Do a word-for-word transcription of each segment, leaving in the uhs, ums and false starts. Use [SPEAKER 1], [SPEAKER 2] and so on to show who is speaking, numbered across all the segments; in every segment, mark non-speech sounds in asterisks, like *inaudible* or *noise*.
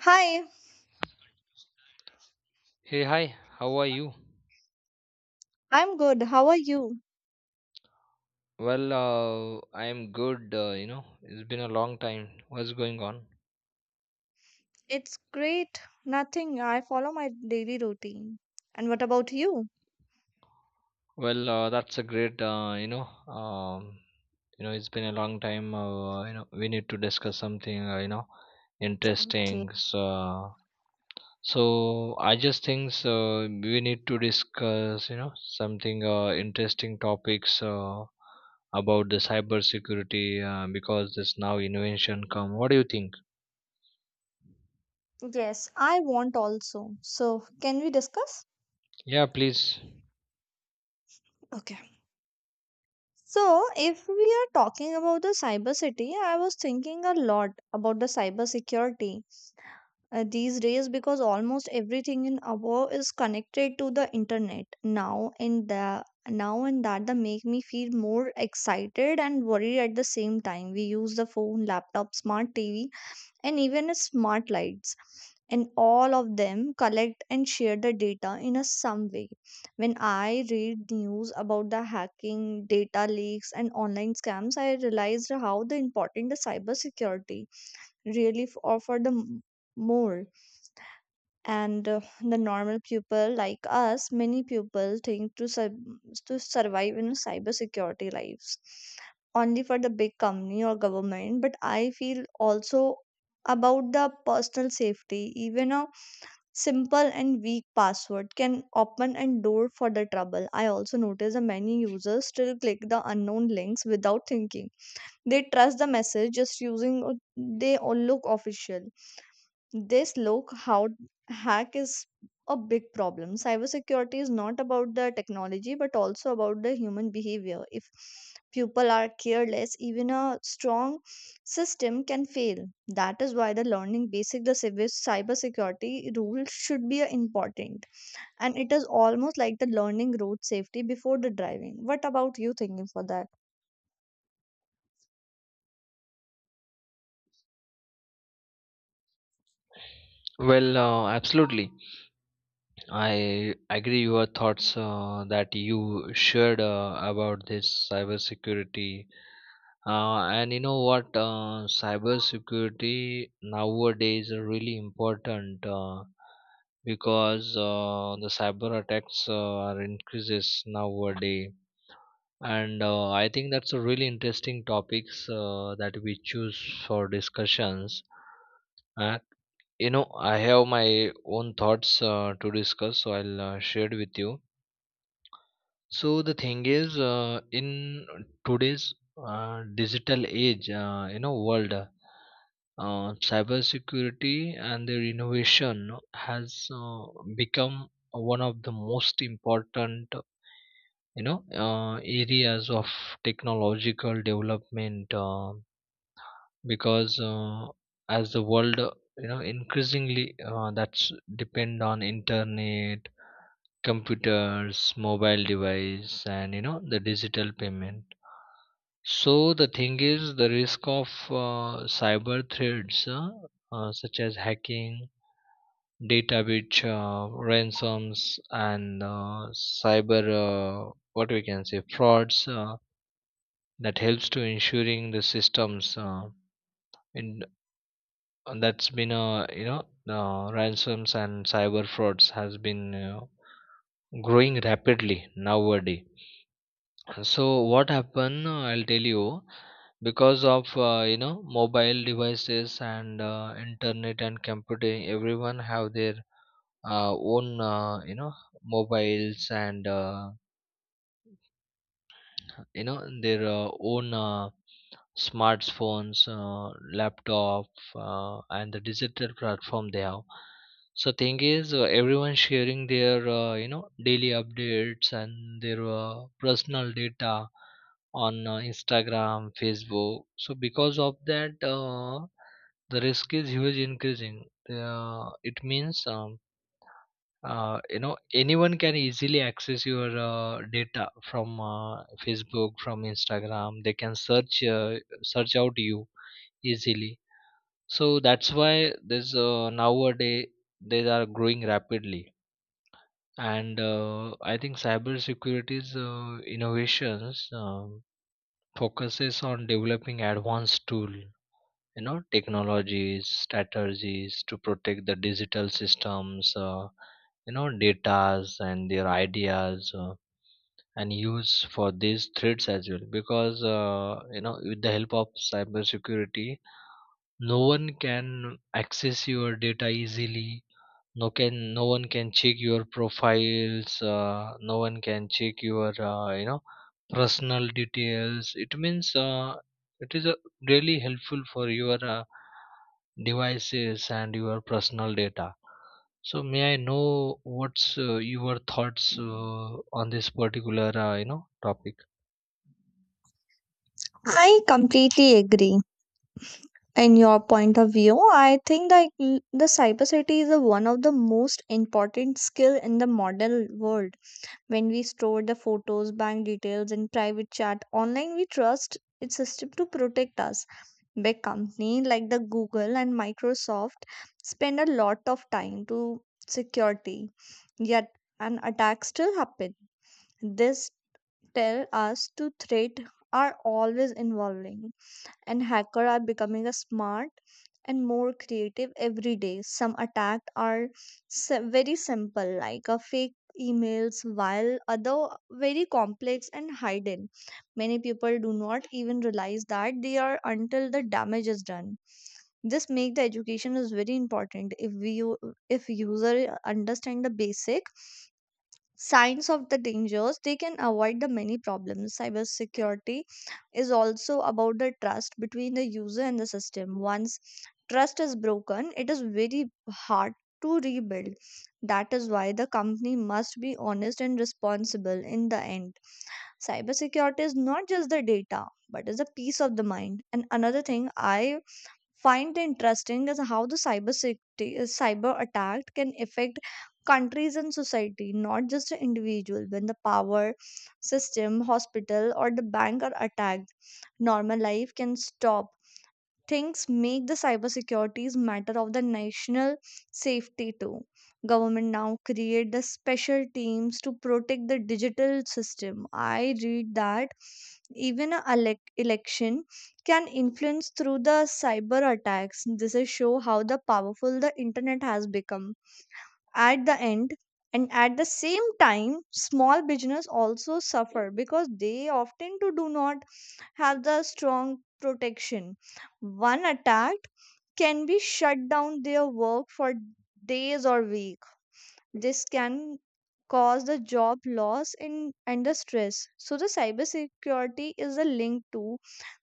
[SPEAKER 1] Hi,
[SPEAKER 2] Hey, hi, how are you?
[SPEAKER 1] I'm good. How are you?
[SPEAKER 2] Well, uh, I am good, uh, you know, it's been a long time. What's going on?
[SPEAKER 1] It's great. Nothing. I follow my daily routine. And what about you?
[SPEAKER 2] Well, uh, that's a great, uh, you know, um, you know, it's been a long time. Uh, you know, we need to discuss something, uh, you know,
[SPEAKER 1] Okay.
[SPEAKER 2] interesting. So, so I just think uh, we need to discuss, you know, something uh, interesting topics uh, about the cybersecurity uh, because this now invention come. What do you think?
[SPEAKER 1] Yes, I want also. So, can we discuss?
[SPEAKER 2] Yeah, please.
[SPEAKER 1] Okay. So, if we are talking about the cyber city, I was thinking a lot about the cyber security uh, these days, because almost everything in our is connected to the internet now, and the now, and that the make me feel more excited and worried at the same time. We use the phone, laptop, smart tv, and even smart lights, and all of them collect and share the data in a some way. When I read news about the hacking, data leaks, and online scams, I realized how the important the cybersecurity really f- offer the m- more. And uh, the normal people like us, many people think to sub to survive in cybersecurity lives only for the big company or government, but I feel also about the personal safety. Even a simple and weak password can open a door for the trouble. I also notice that many users still click the unknown links without thinking. They trust the message just using, uh, they all look official. This low code hack is a big problem. Cybersecurity is not about the technology but also about the human behavior. If people are careless, even a strong system can fail. That is why the learning basic the cyber cybersecurity rules should be uh, important. And it is almost like the learning road safety before the driving. What about you thinking for that?
[SPEAKER 2] Well, uh, absolutely. I agree your thoughts uh, that you shared uh, about this cybersecurity. Uh, and you know what? Uh, cybersecurity nowadays are really important uh, because uh, the cyber attacks uh, are increases nowadays. And uh, I think that's a really interesting topics uh, that we choose for discussions. Uh, you know, I have my own thoughts uh, to discuss, so I'll uh, share it with you. So the thing is, uh, in today's uh, digital age, uh, you know, world, uh, cybersecurity and their innovation has uh, become one of the most important, you know, uh, areas of technological development. Uh, because uh, as the world uh, you know increasingly uh, that's depend on internet, computers, mobile device, and you know the digital payment. So the thing is, the risk of uh, cyber threats, uh, uh, such as hacking, data breach, uh, ransoms, and uh, cyber, uh, what we can say, frauds, uh, that helps to ensuring the systems, uh, in and that's been uh, you know uh, ransoms and cyber frauds has been uh, growing rapidly nowadays. So what happened, uh, I'll tell you. Because of uh, you know mobile devices and uh, internet and computing, everyone have their uh, own uh, you know mobiles, and uh, you know their uh, own uh, smartphones, uh, laptop, uh, and the digital platform they have. So thing is, uh, everyone sharing their uh, you know daily updates and their uh, personal data on uh, Instagram, Facebook. So because of that, uh, the risk is huge increasing. Uh, it means um, uh, you know anyone can easily access your uh, data from uh, Facebook, from Instagram. They can search uh, search out you easily. So that's why this, uh, nowadays, they are growing rapidly. And uh, I think cybersecurity's uh, innovations um, focuses on developing advanced tool, you know, technologies, strategies to protect the digital systems, uh, you know datas and their ideas, uh, and use for these threats as well. Because uh, you know with the help of cybersecurity, no one can access your data easily, no can no one can check your profiles, uh, no one can check your uh, you know personal details. It means uh, it is uh, really helpful for your uh, devices and your personal data. So may I know what's uh, your thoughts uh, on this particular uh, you know topic?
[SPEAKER 1] I completely agree. In your point of view, I think that l- the cyber safety is a one of the most important skill in the modern world. When we store the photos, bank details, and private chat online, we trust its system to protect us. Big company like the Google and Microsoft spend a lot of time to security. Yet an attack still happen. This tell us to threat are always involving. And hackers are becoming a smart and more creative every day. Some attacks are si- very simple, like a fake emails, while other very complex and hidden. Many people do not even realize that they are until the damage is done. This make the education is very important. If we u- if user understand the basic signs of the dangers, they can avoid the many problems. Cybersecurity is also about the trust between the user and the system. Once trust is broken, it is very hard to rebuild. That is why the company must be honest and responsible. In the end, cybersecurity is not just the data but is a peace of the mind. And another thing I find interesting is how the cyber safety, uh, cyber attack can affect countries and society, not just the individual. When the power system, hospital, or the bank are attacked, normal life can stop. Things make the cybersecurity's matter of the national safety too. Government now create the special teams to protect the digital system. I read that even a elec- election can influence through the cyber attacks. This is show how the powerful the internet has become. At the end, and at the same time, small business also suffer because they often to do not have the strong protection. One attack can be shut down their work for days or week. This can cause the job loss in, and the stress. So the cybersecurity is a link to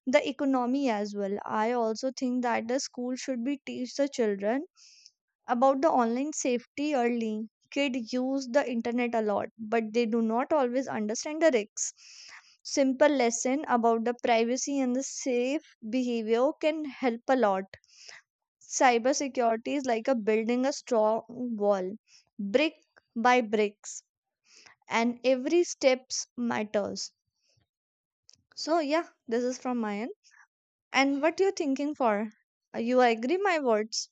[SPEAKER 1] the economy as well. I also think that the school should be teach the children about the online safety early. Kids use the internet a lot, but they do not always understand the risks. Simple lesson about the privacy and the safe behavior can help a lot. Cybersecurity is like a building a strong wall, brick by bricks, and every steps matters. So yeah, this is from my end. And what you thinking for? Uh, You agree my words?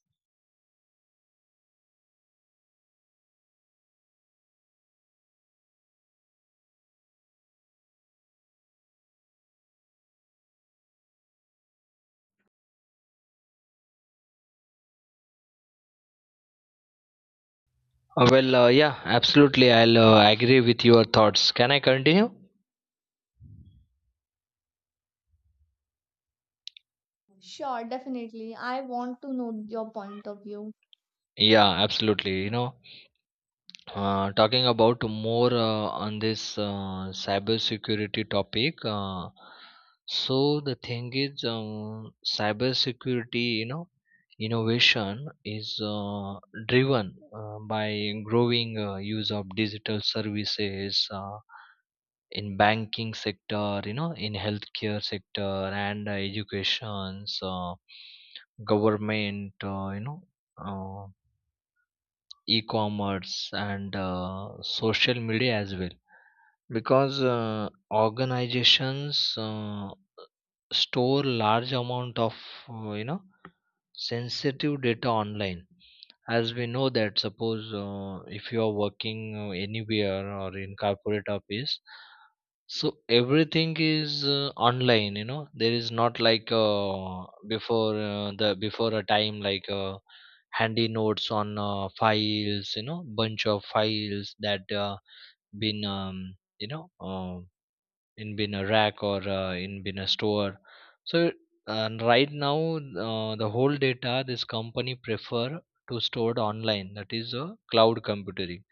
[SPEAKER 2] Uh, well, uh, yeah, absolutely. I'll uh, agree with your thoughts. Can I continue?
[SPEAKER 1] Sure, definitely. I want to know your point of view.
[SPEAKER 2] Yeah, absolutely. You know, uh, talking about more uh, on this uh, cybersecurity topic. Uh, so the thing is, um, cybersecurity, you know, innovation is uh, driven uh, by growing uh, use of digital services. Uh, in banking sector, you know, in healthcare sector, and uh, education. So government, uh, you know uh, e-commerce, and uh, social media as well. Because uh, organizations uh, store large amount of uh, you know sensitive data online. As we know that, suppose uh, if you are working uh, anywhere or in corporate office, so everything is uh, online, you know. There is not like uh, before uh, the before a time like uh, handy notes on uh, files, you know, bunch of files that uh, been um, you know uh, in been a rack or uh, in been a store. So uh, right now uh, the whole data this company prefer to stored online. That is a cloud computing.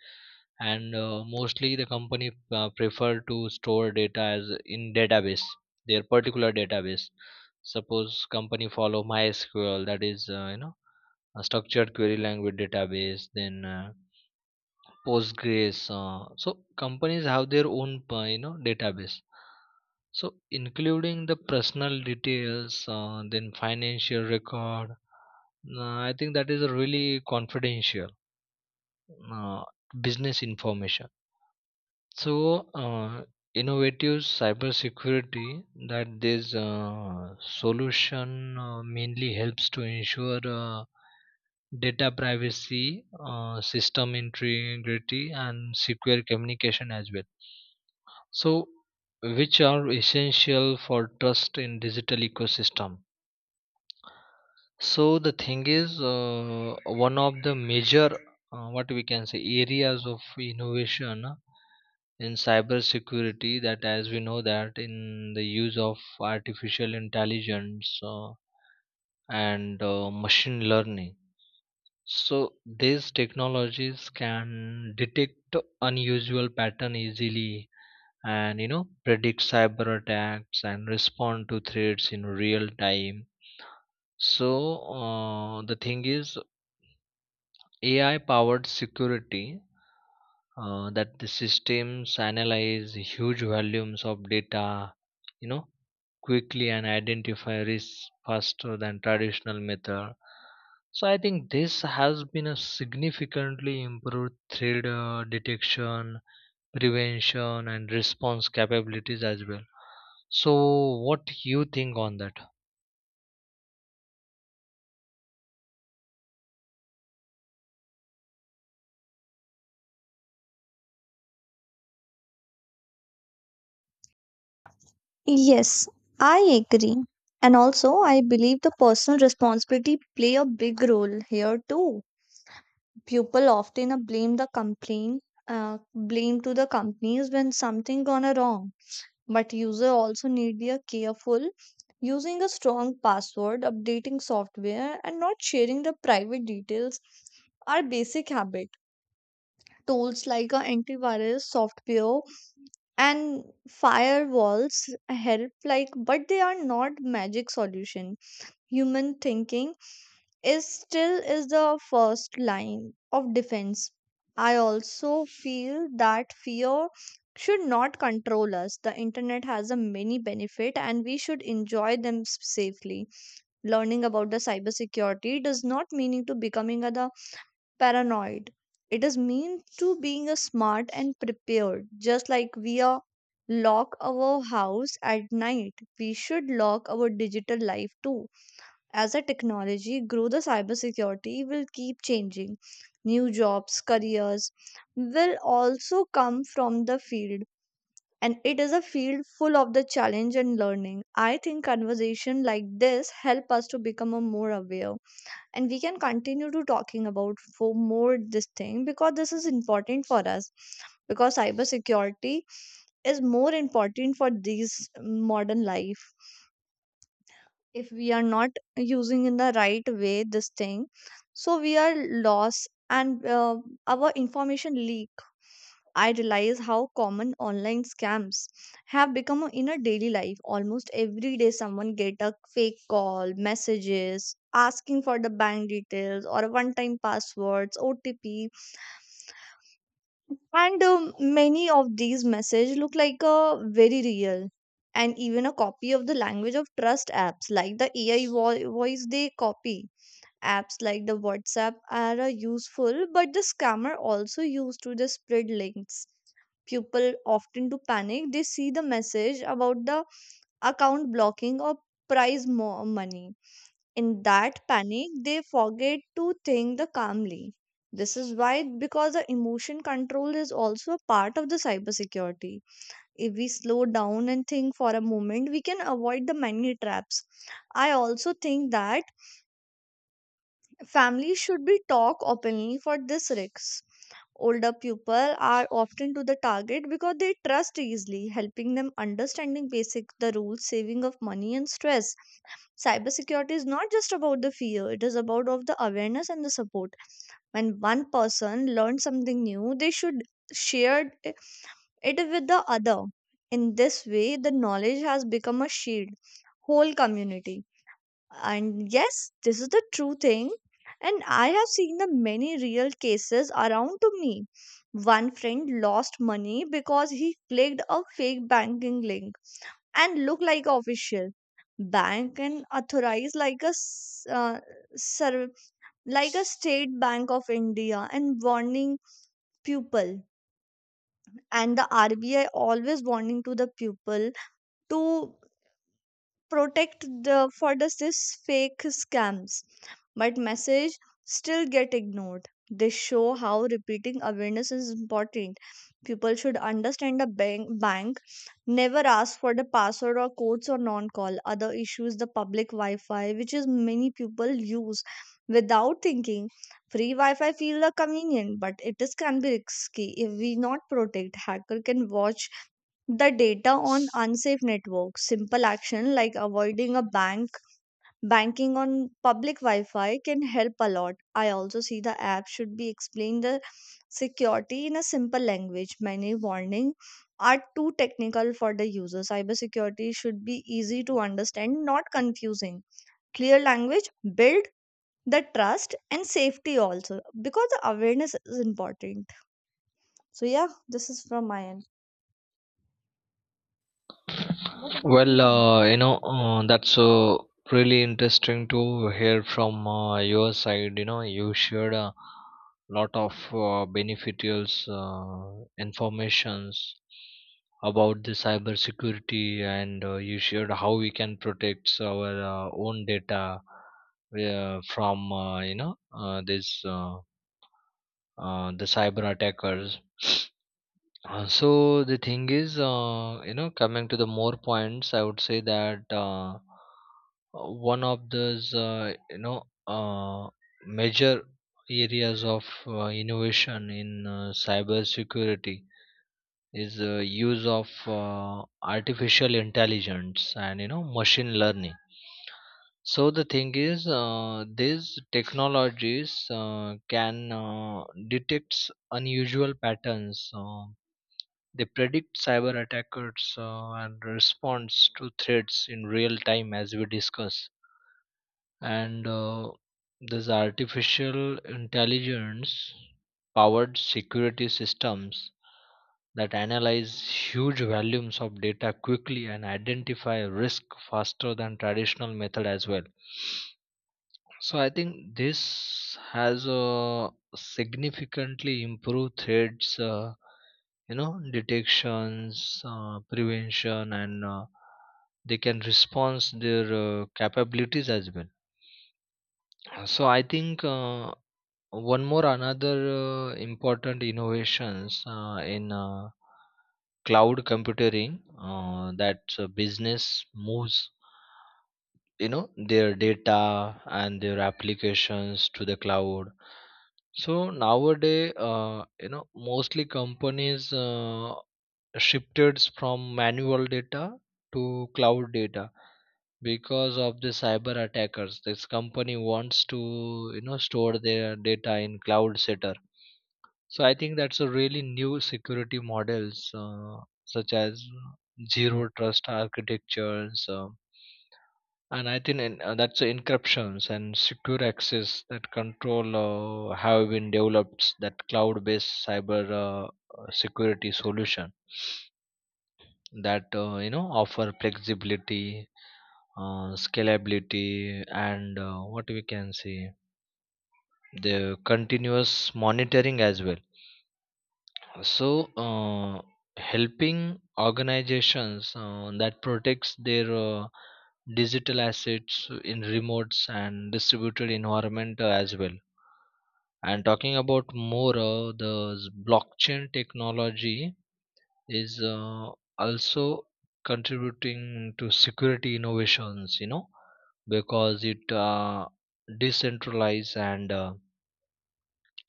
[SPEAKER 2] And uh, mostly the company uh, prefer to store data as in database, their particular database. Suppose company follow mysql, that is uh, you know a structured query language database, then uh, postgres. Uh, so companies have their own, uh, you know database. So including the personal details, uh, then financial record, uh, I think that is a really confidential uh, business information. So, uh, innovative cybersecurity that this uh, solution uh, mainly helps to ensure uh, data privacy, uh, system integrity, and secure communication as well. So, which are essential for trust in digital ecosystem. So the thing is, uh, one of the major, uh, what we can say, areas of innovation uh, in cybersecurity that, as we know, that in the use of artificial intelligence uh, and uh, machine learning. So these technologies can detect unusual pattern easily and you know predict cyber attacks and respond to threats in real time. So uh, the thing is, A I powered security, uh, that the systems analyze huge volumes of data, you know, quickly and identify risks faster than traditional method. So I think this has been a significantly improved threat uh, detection, prevention, and response capabilities as well. So what you think on that?
[SPEAKER 1] Yes, I agree. And also, I believe the personal responsibility play a big role here too. People often uh, blame the complaint, uh, blame to the companies when something gone a wrong. But user also need be a careful using a strong password, updating software, and not sharing the private details are basic habit. Tools like a antivirus software and firewalls help like, but they are not magic solution. Human thinking is still is the first line of defense. I also feel that fear should not control us. The internet has a many benefit and we should enjoy them s- safely. Learning about the cybersecurity does not mean to becoming a the paranoid. It is mean to being a smart and prepared. Just like we are lock our house at night, we should lock our digital life too. As a technology grow, the cybersecurity will keep changing. New jobs, careers will also come from the field. And it is a field full of the challenge and learning. I think conversation like this help us to become a more aware, and we can continue to talking about for more this thing because this is important for us, because cybersecurity is more important for these modern life. If we are not using in the right way this thing, so we are lost, and uh, our information leak. I realize how common online scams have become in our daily life. Almost every day, someone get a fake call, messages asking for the bank details or one-time passwords, O T P, and um, many of these messages look like a very real, and even a copy of the language of trust apps like the A I vo- voice they copy. Apps like the WhatsApp are uh, useful, but the scammer also used to the spread links. People often to panic, they see the message about the account blocking or prize mo- money. In that panic, they forget to think the calmly. This is why because the emotion control is also a part of the cybersecurity. If we slow down and think for a moment, we can avoid the many traps. I also think that families should be talk openly for this risks. Older people are often to the target because they trust easily, helping them understanding basic the rules, saving of money and stress. Cybersecurity is not just about the fear; it is about of the awareness and the support. When one person learns something new, they should share it with the other. In this way, the knowledge has become a shield, whole community. And yes, this is the true thing. And I have seen the many real cases around to me. One friend lost money because he clicked a fake banking link and looked like official bank and authorized like a s- uh, serv- like a state bank of India, and warning people, and the R B I always warning to the people to protect the for the this fake scams, but message still get ignored. They show how repeating awareness is important. People should understand a bank bank never ask for the password or codes or non call other issues. The public wi-fi which is many people use without thinking. Free wi-fi feel the convenient, but it is can be risky if we not protect. Hacker can watch the data on unsafe networks. Simple action like avoiding a bank, banking on public Wi Fi can help a lot. I also see the app should be explained the security in a simple language. Many warnings are too technical for the user. Cybersecurity should be easy to understand, not confusing. Clear language, build the trust and safety also because the awareness is important. So, yeah, this is from my end. What about you
[SPEAKER 2] Well,
[SPEAKER 1] think?
[SPEAKER 2] uh, you know, uh, that's uh, really interesting to hear from uh, your side. You know, you shared a lot of uh, beneficial uh, informations about the cybersecurity, and uh, you shared how we can protect our uh, own data uh, from uh, you know uh, this uh, uh, the cyber attackers. Uh, so the thing is, uh, you know, coming to the more points, I would say that uh, one of those, uh, you know, uh, major areas of uh, innovation in uh, cybersecurity is uh, use of uh, artificial intelligence and you know machine learning. So the thing is, uh, these technologies uh, can uh, detect unusual patterns. Uh, they predict cyber attacks uh, and responds to threats in real time, as we discuss. And uh, this artificial intelligence powered security systems that analyze huge volumes of data quickly and identify risk faster than traditional method as well. So I think this has uh, significantly improved threats, uh, you know, detections, uh, prevention, and uh, they can respond their uh, capabilities as well. So I think uh, one more another uh, important innovations uh, in uh, cloud computing, uh, that uh, business moves, you know, their data and their applications to the cloud. So nowadays, uh, you know mostly companies uh, shifted from manual data to cloud data. Because of the cyber attackers, this company wants to, you know, store their data in cloud setter. So I think that's a really new security models, uh, such as zero trust architectures, um, and I think in, uh, that's the encryptions and secure access that control uh, have been developed, that cloud-based cyber, uh, uh, security solution that, uh, you know offer flexibility, uh, scalability, and uh, what we can say the continuous monitoring as well. So, uh, helping organizations uh, that protects their uh, digital assets in remotes and distributed environment uh, as well. And talking about more, uh, the s- blockchain technology is uh, also contributing to security innovations. You know, because it uh, decentralize and uh,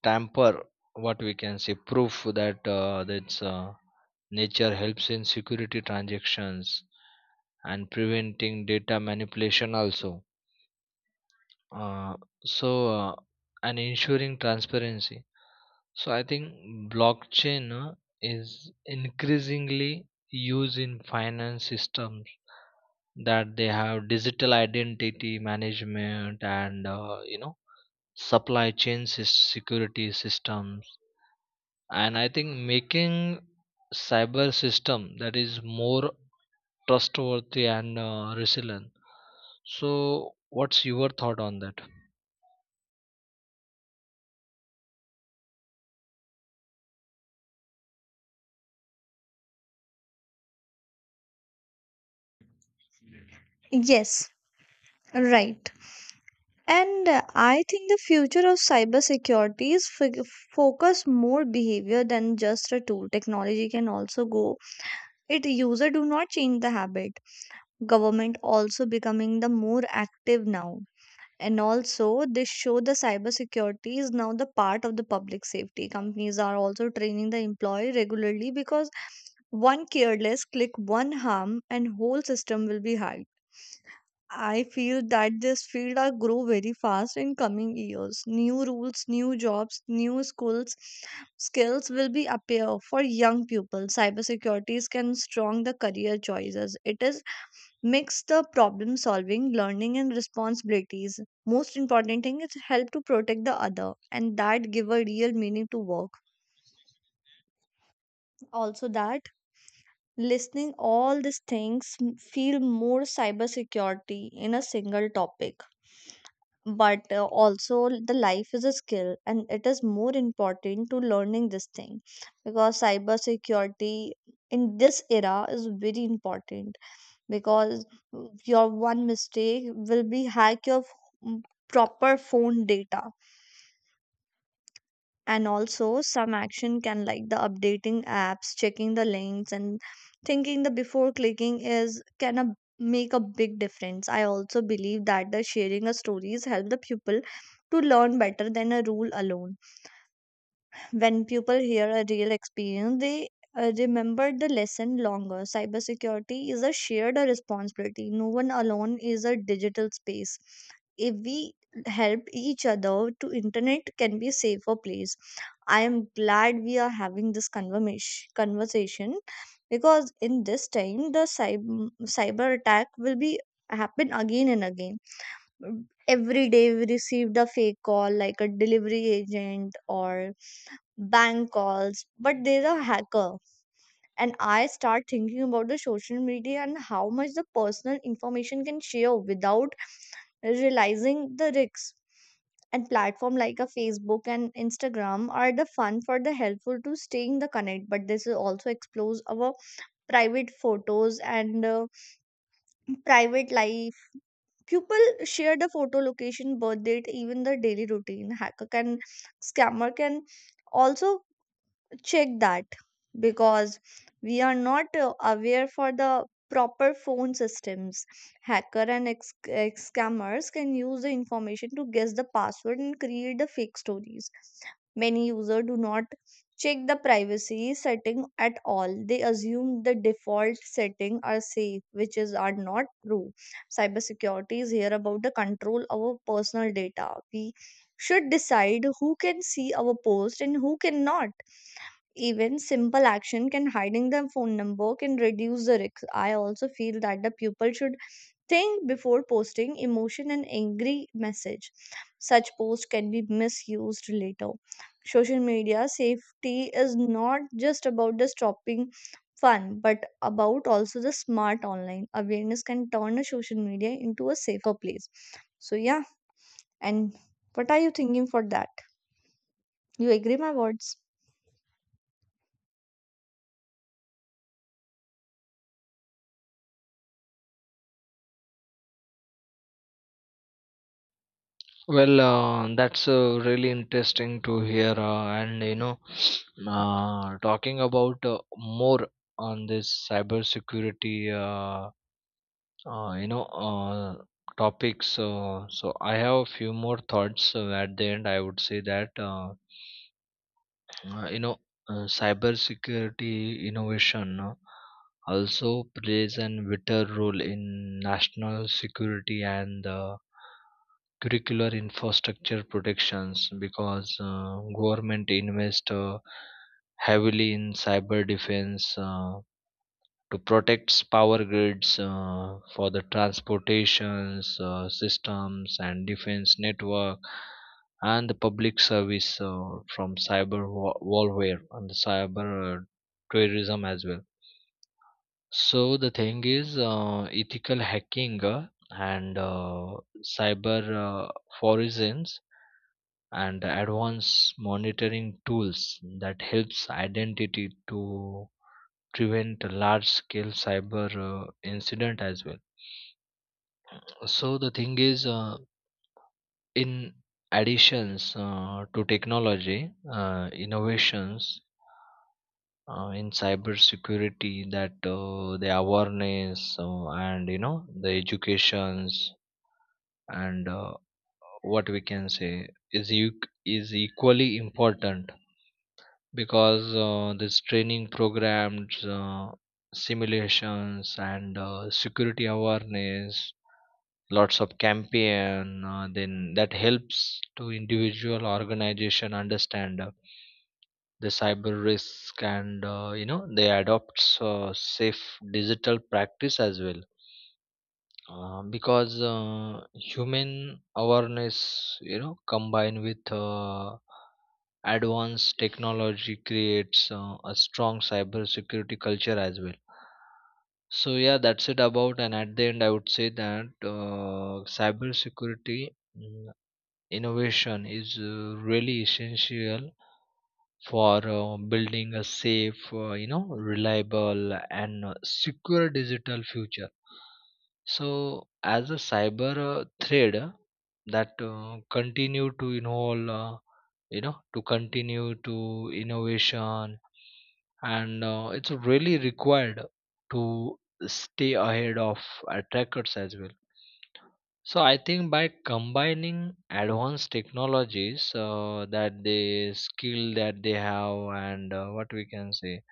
[SPEAKER 2] tamper, what we can say, proof that uh, that's. Uh, Nature helps in security transactions and preventing data manipulation also. Uh, so uh, and ensuring transparency. So I think blockchain uh, is increasingly used in finance systems, that they have digital identity management and uh, you know supply chain sys- security systems, and I think making cyber system that is more trustworthy and uh, resilient. So, what's your thought on that?
[SPEAKER 1] Yes, right. And uh, I think the future of cybersecurity is fig- focus more behavior than just a tool. Technology can also go. It user do not change the habit. Government also becoming the more active now. And also this show the cybersecurity is now the part of the public safety. Companies are also training the employee regularly because one careless click, one harm, and whole system will be hacked. I feel that this field will grow very fast in coming years. New rules, new jobs, new schools, skills will be appear for young people. Cybersecurities can strong the career choices. It is mix the problem solving, learning and responsibilities. Most important thing is help to protect the other and that give a real meaning to work. Also that listening all these things m- feel more cybersecurity in a single topic, but uh, also the life is a skill and it is more important to learning this thing, because cyber security in this era is very important, because your one mistake will be hack your f- proper phone data. And also some action can like the updating apps, checking the links, and thinking the before clicking is can a, make a big difference. I also believe that the sharing of stories help the pupil to learn better than a rule alone. When people hear a real experience, they uh, remember the lesson longer. Cybersecurity is a shared responsibility. No one alone is a digital space. If we help each other to internet can be safer place. I am glad we are having this conversation conversation because in this time the cyber, cyber attack will be happen again and again. Every day we received a fake call like a delivery agent or bank calls, but there's a hacker. And I start thinking about the social media and how much the personal information can share without realizing the risks. And platform like a Facebook and Instagram are the fun for the helpful to staying the connect, but this is also explores our private photos and uh, private life. People share the photo location, birth date, even the daily routine. Hacker can, scammer can also check that because we are not uh, aware for the proper phone systems. Hacker and ex- ex- scammers can use the information to guess the password and create the fake stories. Many users do not check the privacy setting at all. They assume the default setting are safe which is are not true. Cybersecurity is here about the control our personal data. We should decide who can see our post and who cannot. Even simple action can hiding their phone number can reduce the risk. I also feel that the pupil should think before posting emotion and angry message. Such post can be misused later. Social media safety is not just about the stopping fun but about also the smart online awareness can turn a social media into a safer place. So yeah, and what are you thinking for that? You agree my words?
[SPEAKER 2] Well, uh, that's uh, really interesting to hear, uh, and you know, *sniffs* uh, talking about uh, more on this cybersecurity, uh, uh, you know, uh, topics. Uh, so I have a few more thoughts. So at the end, I would say that. Uh, uh, you know uh, cybersecurity innovation uh, also plays an vital role in national security and uh, curricular infrastructure protections. Because uh, government invest uh, heavily in cyber defense uh, to protect power grids, uh, for the transportations uh, systems and defense network and the public service uh, from cyber wa- warfare and the cyber uh, terrorism as well. So the thing is, uh, ethical hacking uh, and uh, cyber uh, forensics and advanced monitoring tools that helps identity to prevent a large scale cyber uh, incident as well. So the thing is uh, in additions uh, to technology uh, innovations uh, in cyber security, that uh, the awareness uh, and you know the educations and uh, what we can say is eq- is equally important. Because uh, this training programs, uh, simulations and uh, security awareness lots of campaign uh, then that helps to individual organization understand uh, the cyber risk and uh, you know they adopts uh, safe digital practice as well. Uh, because uh, human awareness, you know, combined with uh, advanced technology creates uh, a strong cyber security culture as well. So yeah, that's it about. And at the end, I would say that uh, cybersecurity mm, innovation is uh, really essential for uh, building a safe, uh, you know, reliable and uh, secure digital future. So as a cyber uh, thread uh, that uh, continue to involve. Uh, you know, to continue to innovation, and uh, it's really required to stay ahead of attackers as well. So I think by combining advanced technologies, uh, that the skill that they have, and uh, what we can say,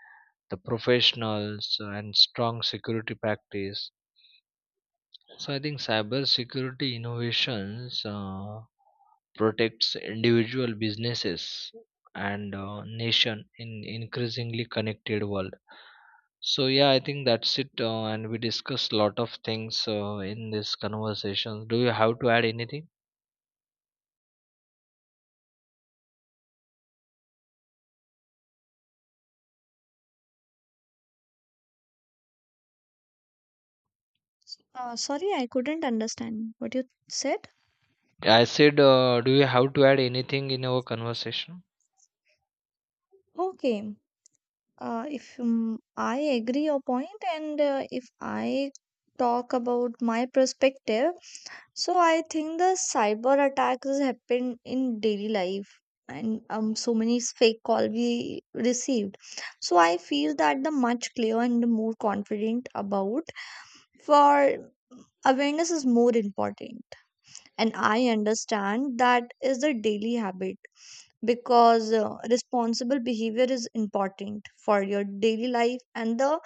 [SPEAKER 2] the professionals and strong security practice. So I think cybersecurity innovations uh, protects individual businesses and uh, nation in increasingly connected world. So yeah, I think that's it, uh, and we discussed lot of things uh, in this conversation. Do you have to add anything?
[SPEAKER 1] Uh, sorry, I couldn't understand what you said.
[SPEAKER 2] I said, uh, do you have to add anything in our conversation?
[SPEAKER 1] Okay. Uh, if um, I agree your point, and uh, if I talk about my perspective, so I think the cyber attacks happen in daily life, and um, so many s- fake call we received. So I feel that the much clearer and the more confident about for awareness is more important, and I understand that is the daily habit, because uh, responsible behavior is important for your daily life and the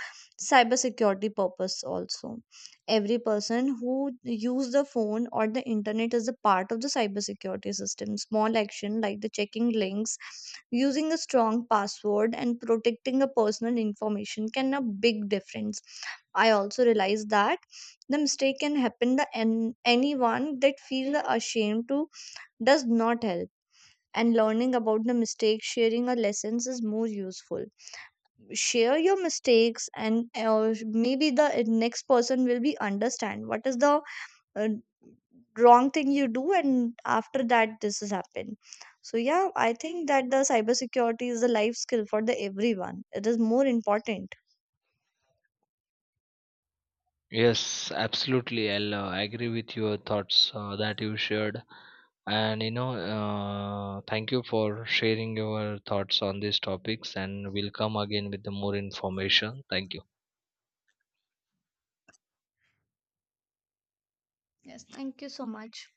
[SPEAKER 1] cybersecurity purpose also. Every person who use the phone or the internet is a part of the cybersecurity system. Small action like the checking links, using a strong password, and protecting the personal information can a big difference. I also realize that the mistake can happen to an- anyone. That feel ashamed to does not help, and learning about the mistakes, sharing our lessons is more useful. Share your mistakes, and uh, maybe the next person will be understand what is the uh, wrong thing you do, and after that this has happened. So yeah, I think that the cybersecurity is a life skill for the everyone. It is more important.
[SPEAKER 2] Yes, absolutely. I'll uh, agree with your thoughts uh, that you shared. And you know, uh, thank you for sharing your thoughts on these topics. And we'll come again with the more information. Thank you.
[SPEAKER 1] Yes, thank you so much.